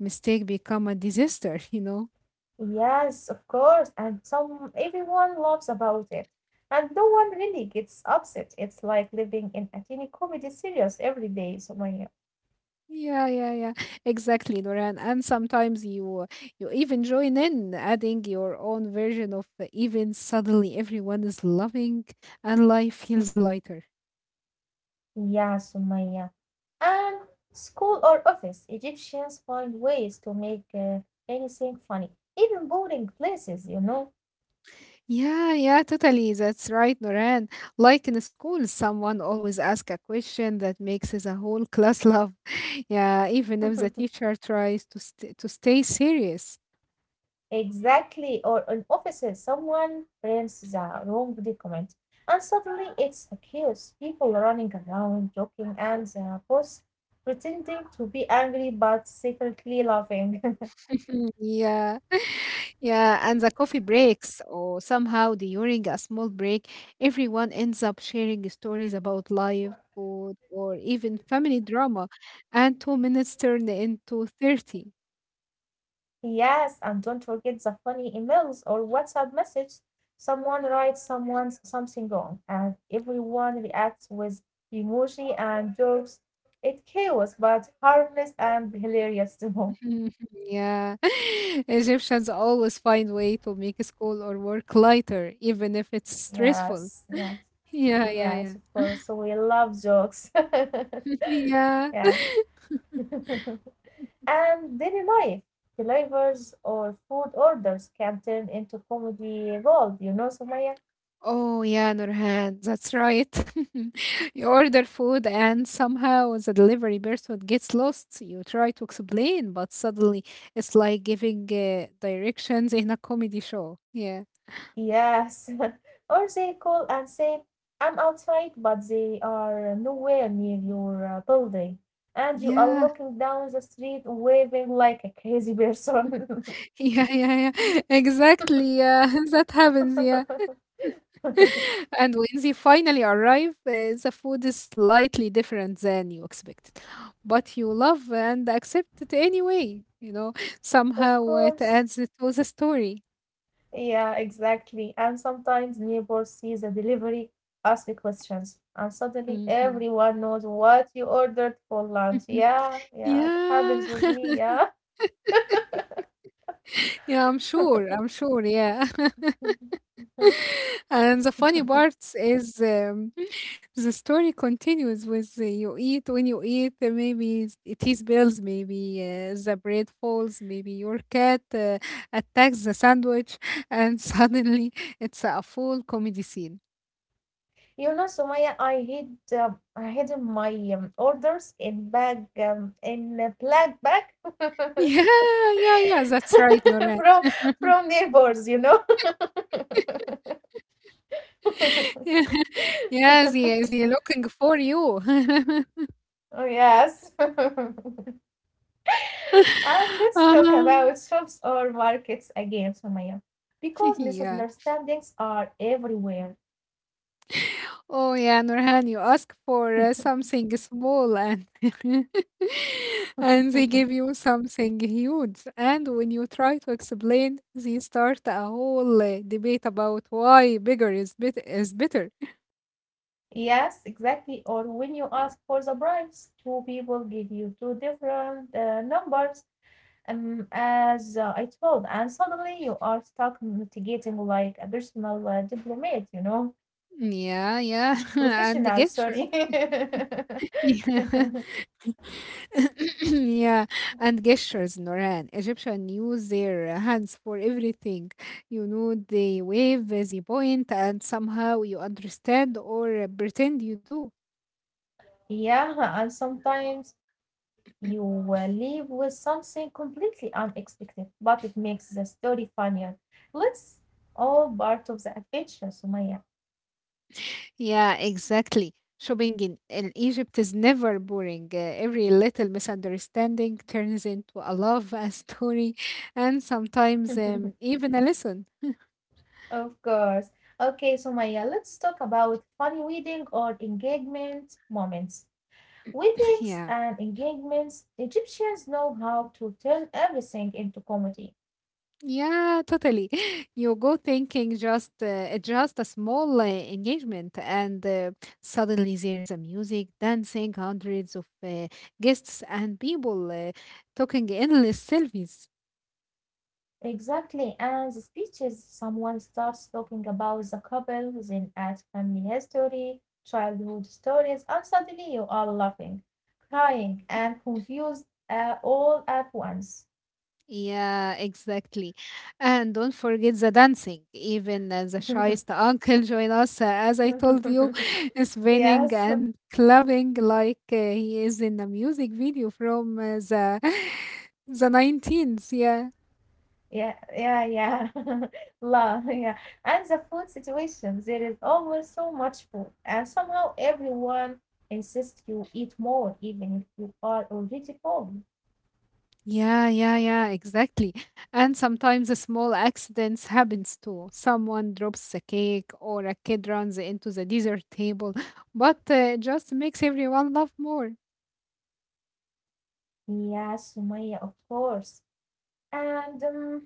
mistake become a disaster. *laughs* You know. Yes, of course, and some everyone laughs about it. And no one really gets upset. It's like living in a teeny comedy series every day, Sumaya. Yeah, yeah, yeah. Exactly, Noran. And sometimes you you even join in, adding your own version of the event. Suddenly, everyone is loving, and life feels lighter. Yeah, Sumaya. And school or office, Egyptians find ways to make uh, anything funny, even boring places, you know. Yeah, yeah, totally. That's right, Noran. Like in school, someone always asks a question that makes the whole class laugh. *laughs* Yeah, even if *laughs* the teacher tries to st to stay serious. Exactly, or in offices, someone prints the wrong document, and suddenly it's a chaos. People running around, joking, and the boss pretending to be angry but secretly laughing. Mhm. Yeah, yeah, and the coffee breaks or somehow during a small break, everyone ends up sharing stories about life, food, or even family drama, and two minutes turn into thirty. *laughs* Yes, and don't forget the funny emails or WhatsApp messages. Someone writes someone something wrong, and everyone reacts with emoji and jokes. It's chaos, but harmless and hilarious too. *laughs* Mhm. Yeah, *laughs* Egyptians always find way to make school or work lighter, even if it's stressful. *laughs* Yes, yeah. Yeah, yeah, Yes, of yeah. course. We love jokes. *laughs* *laughs* Yeah. Yeah. And daily life, flavors or food orders can turn into comedy gold, you know, Sumaya? Oh, yeah, Nurhan, that's right. *laughs* You order food and somehow the delivery person gets lost. You try to explain, but suddenly it's like giving uh, directions in a comedy show. Yeah. Yes. *laughs* Or they call and say, I'm outside, but they are nowhere near your uh, building. And you are Yeah. looking down the street waving like a crazy person. *laughs* Yeah, yeah, yeah. *laughs* Exactly. Yeah, *laughs* that happens. Yeah. *laughs* And when they finally arrive, uh, the food is slightly different than you expected. But you love and accept it anyway, you know, *laughs* *laughs* Of somehow it course. adds to the story. Yeah, exactly. And sometimes neighbors see the delivery, ask questions, and suddenly Mhm. everyone knows what you ordered for lunch. Mhm. Yeah, yeah, it happens with Yeah. me. Yeah. *laughs* Yeah, I'm *laughs* sure. I'm sure. Yeah. And the funny part is um, *laughs* the story continues with the you eat when you eat, uh, maybe s- it is bills, maybe uh, the bread falls, maybe your cat uh, attacks the sandwich, *laughs* and suddenly it's a full comedy scene. *laughs* You know, Sumaya, I hid um, I hid my um, orders in bag um, in a black bag Yeah, yeah, yeah, that's right, *laughs* Noran. from from neighbors, you know. *laughs* Yeah, *laughs* yeah, they, they looking for you. *laughs* Oh, yes. *laughs* And let's talk about Uh-huh. shops or markets again, Sumaya, because *laughs* Yeah. misunderstandings are everywhere. Oh yeah, Nurhan, you ask for uh, something small and *laughs* and *laughs* they give you something huge. And when you try to explain, they start a whole uh, debate about why bigger is bit is better. Yes, exactly. Or when you ask for the bribes, two people give you two different uh, numbers, um, as uh, I told, and suddenly you are stuck mitigating like a personal uh, diplomat, you know, Yeah, yeah, *laughs* and the professional, gestures. sorry. *laughs* *laughs* Yeah, *coughs* yeah, and gestures, Noran. Egyptian use their uh, hands for everything. You know, they wave, uh, they point, and somehow you understand or uh, pretend you do. Yeah, and sometimes you will leave with something completely unexpected, but it makes the story funnier. Let's all part of the adventure, Sumaya. Yeah, exactly. Shopping in, in Egypt is never boring. Uh, every little misunderstanding turns into a love, a story, and sometimes *laughs* um, even a lesson. Of course. Okay, Sumaya, let's talk about funny wedding or engagement moments. Weddings Yeah. and engagements, Egyptians know how to turn everything into comedy. Yeah, totally. *laughs* You go thinking just uh, just a small uh, engagement, and uh, suddenly there is a music, dancing, hundreds of uh, guests and people uh, talking endless selfies. Exactly, and the speeches, someone starts talking about the couple, then adds family history, childhood stories, and suddenly you are laughing, crying, and confused uh, all at once. Yeah, exactly. And don't forget the dancing. Even uh, the *laughs* shyest uncle *laughs* join us, uh, as I told you, *laughs* spinning and clubbing like uh, he is in a music video from uh, the *laughs* the nineteens. Yeah. Yeah, yeah, yeah. *laughs* La, yeah. And the food situation, there is always so much food, and somehow everyone insists you eat more, even if you are already full. Yeah, yeah, yeah, exactly. And sometimes the small accidents happens too. Someone drops a cake or a kid runs into the dessert table, but uh, it just makes everyone laugh more. Yeah, Sumaya, of course. And um,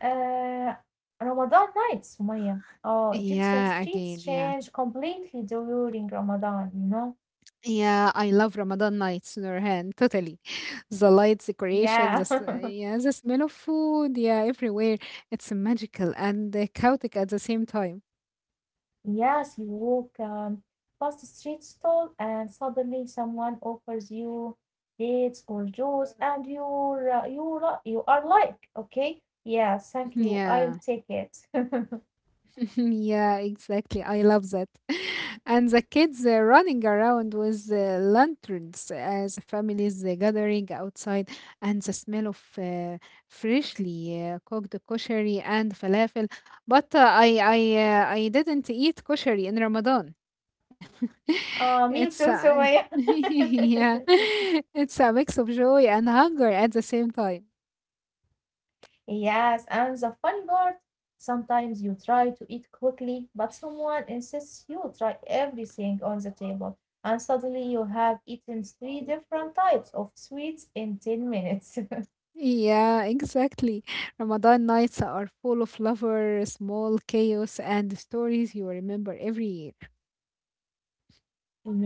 Uh, Ramadan nights, Sumaya. Oh, Egyptian Yeah, streets again, yeah. change completely during Ramadan, you know? Yeah, I love Ramadan nights, Nurhan, totally. *laughs* The lights, Yeah. decorations, the *laughs* s- yeah, the smell of food, yeah, everywhere. It's magical and uh, chaotic at the same time. Yes, you walk um, past a street stall and suddenly someone offers you dates or juice and you're, uh, you're, uh, you are like, okay, yeah, thank you, Yeah, I'll take it. *laughs* yeah, exactly. I love that. *laughs* And the kids uh, running around with uh, lanterns, uh, the families uh, gathering outside, and the smell of uh, freshly uh, cooked kosheri and falafel. But uh, I, I, uh, I didn't eat kosheri in Ramadan. *laughs* Uh, me It's too, a Sumaya. *laughs* yeah, *laughs* *laughs* it's a mix of joy and hunger at the same time. Yes, and the funny part, sometimes you try to eat quickly, but someone insists you try everything on the table, and suddenly you have eaten three different types of sweets in ten minutes. *laughs* Yeah, exactly. Ramadan nights are full of lover, small chaos, and stories you remember every year.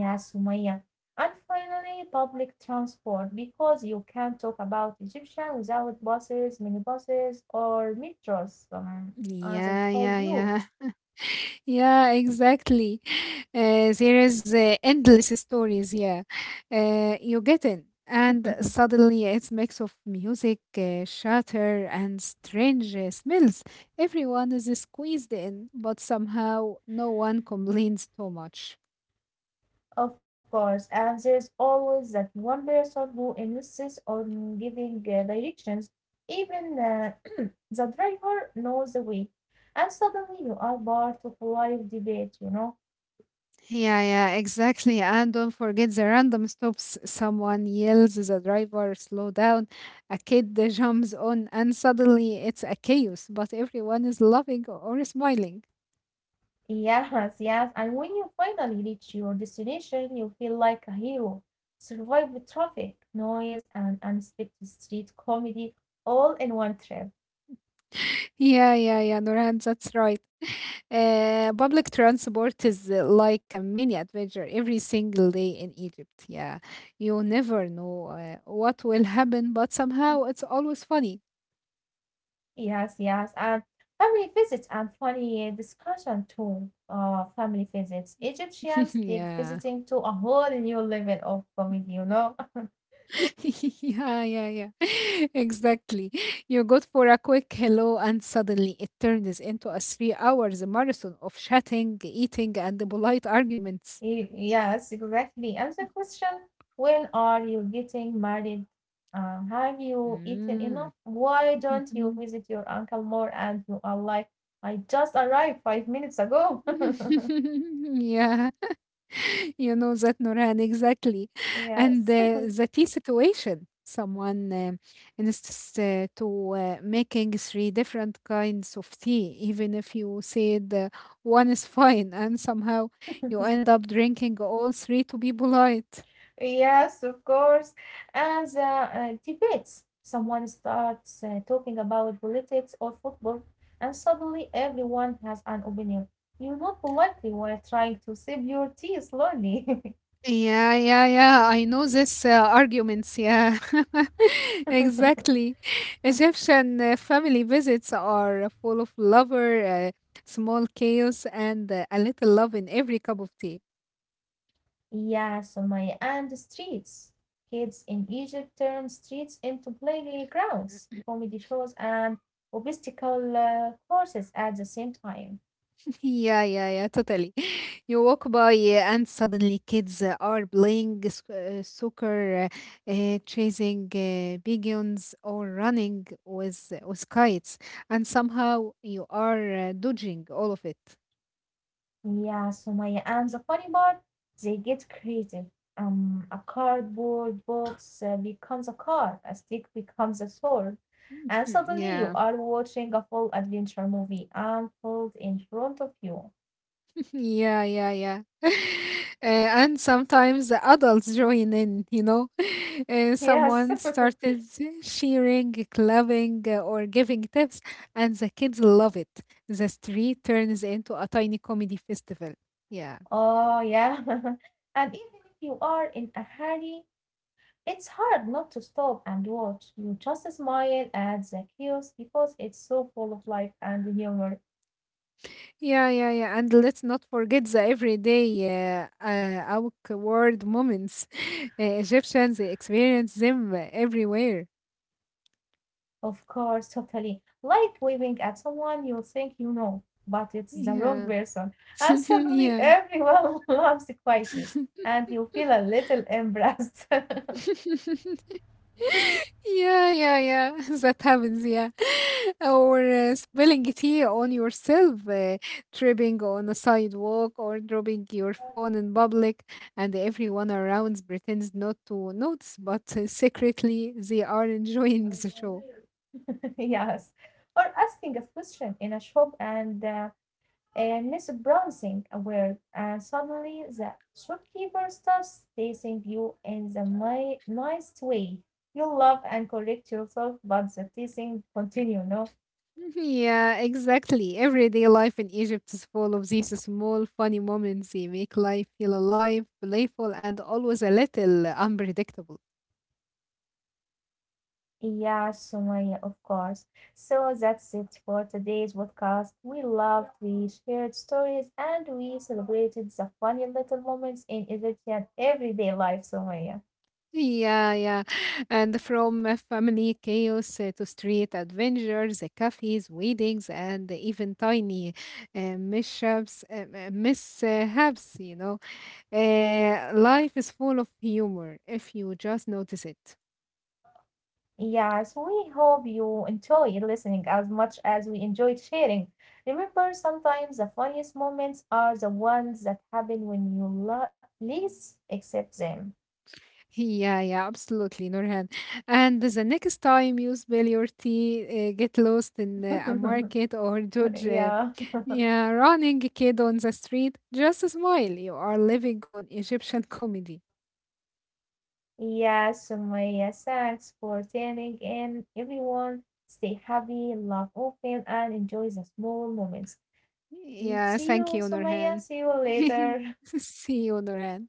Yes, Sumaya. And finally, public transport, because you can't talk about Egyptian without buses, minibuses, or metros, um, as I Yeah, yeah, told you. yeah. Yeah, exactly. *laughs* Uh, there is uh, endless stories. Yeah, uh, you get in, and *laughs* suddenly it's mix of music, uh, shatter, and strange uh, smells. Everyone is squeezed in, but somehow no one complains too much. Of course, and there's always that one person who insists on giving uh, directions, even uh, *clears throat* the driver knows the way. And suddenly you are part of live debate, you know? Yeah, yeah, exactly. And don't forget the random stops. Someone yells, the driver slow down, a kid uh, jumps on, and suddenly it's a chaos. But everyone is laughing or smiling. Yes, yes. And when you finally reach your destination, you feel like a hero. Survive the traffic, noise, and unexpected street comedy all in one trip. Yeah, yeah, yeah, Nurhan, that's right. Uh, public transport is uh, like a mini adventure every single day in Egypt. Yeah, you never know uh, what will happen, but somehow it's always funny. Yes, yes, and family visits and funny discussion too. Uh, family visits. *laughs* Egyptians take Yeah, visiting to a whole new level of comedy, you know? *laughs* *laughs* yeah, yeah, yeah, *laughs* exactly. You go for a quick hello, and suddenly it turns into a three hours marathon of chatting, eating, and polite arguments. Y- Yes, exactly. And the question, when are you getting married? Uh, have you eaten enough? Mm. Why don't you *laughs* visit your uncle more? And you are like, I just arrived five minutes ago. *laughs* *laughs* Yeah, *laughs* you know that, Nurhan, exactly, Yes. and uh, the tea situation. Someone uh, insists uh, to uh, making three different kinds of tea, even if you said uh, one is fine, and somehow you end up *laughs* drinking all three to be polite. Of course. And the uh, debates. Someone starts uh, talking about politics or football, and suddenly everyone has an opinion. You nod politely while trying to sip your tea slowly. *laughs* Yeah, yeah, yeah. I know this uh, arguments. Yeah, *laughs* exactly. Egyptian uh, family visits are full of lover, uh, small chaos, and uh, a little love in every cup of tea. Yeah, Sumaya, and the streets. Kids in Egypt turn streets into playgrounds, comedy shows, and obstacle uh, courses at the same time. *laughs* Yeah, yeah, yeah. Totally. You walk by uh, and suddenly kids uh, are playing s- uh, soccer, uh, uh, chasing uh, pigeons, or running with with kites, and somehow you are uh, dodging all of it. Yeah, so Sumaya. And the funny part, they get creative. Um, a cardboard box uh, becomes a car, a stick becomes a sword, and *laughs* suddenly you Yeah. are watching a full adventure movie unfold in front of you. Yeah, yeah, yeah. *laughs* Uh, and sometimes the adults join in, you know. *laughs* Uh, Yes. Someone started cheering, clapping, uh, or giving tips, and the kids love it. The street turns into a tiny comedy festival. Yeah, Oh, yeah. *laughs* And even if you are in a hurry, it's hard not to stop and watch. You just smile at the chaos because it's so full of life and humor. yeah, yeah, yeah. And let's not forget the everyday uh, uh, awkward moments. *laughs* Uh, Egyptians experience them everywhere. Of course, totally. Like waving at someone you think you know, but it's the wrong Yeah, person. *laughs* And suddenly yeah. everyone *laughs* laughs quietly, and you feel a little embarrassed. *laughs* *laughs* Yeah, yeah, yeah. *laughs* That happens, yeah. *laughs* Or uh, spilling tea on yourself, uh, tripping on a sidewalk, or dropping your phone in public, and everyone around pretends not to notice, but uh, secretly they are enjoying the show. Yes. Or asking a question in a shop and uh, and mispronouncing a word, and suddenly the shopkeeper starts teasing you in the ni- nice way. You laugh and correct yourself, but the teasing continue, no? *laughs* Yeah, exactly. Everyday life in Egypt is full of these small, funny moments. They make life feel alive, playful, and always a little unpredictable. Yeah, Sumaya, of course. So that's it for today's podcast. We loved, we shared stories, and we celebrated the funny little moments in Egyptian everyday life, Sumaya. Yeah, yeah. And from a family chaos uh, to street adventures, uh, cafes, weddings, and even tiny uh, mishaps, uh, uh, mishaps, you know. Uh, life is full of humor if you just notice it. *laughs* Yes, we hope you enjoyed listening as much as we enjoyed sharing. Remember, sometimes the funniest moments are the ones that happen when you lo- least accept them. Yeah, yeah, absolutely, Nurhan. And the next time you spill your tea, uh, get lost in uh, a *laughs* market, or judge uh, Yeah. yeah, running a kid on the street, just smile. You are living on Egyptian comedy. Yes, Sumaya, thanks for tuning in, everyone. Stay happy, love, often, and enjoy the small moments. Mm, Yeah, see thank you, you, Sumaya. Nurhan. See you *laughs* later. See you, Nurhan.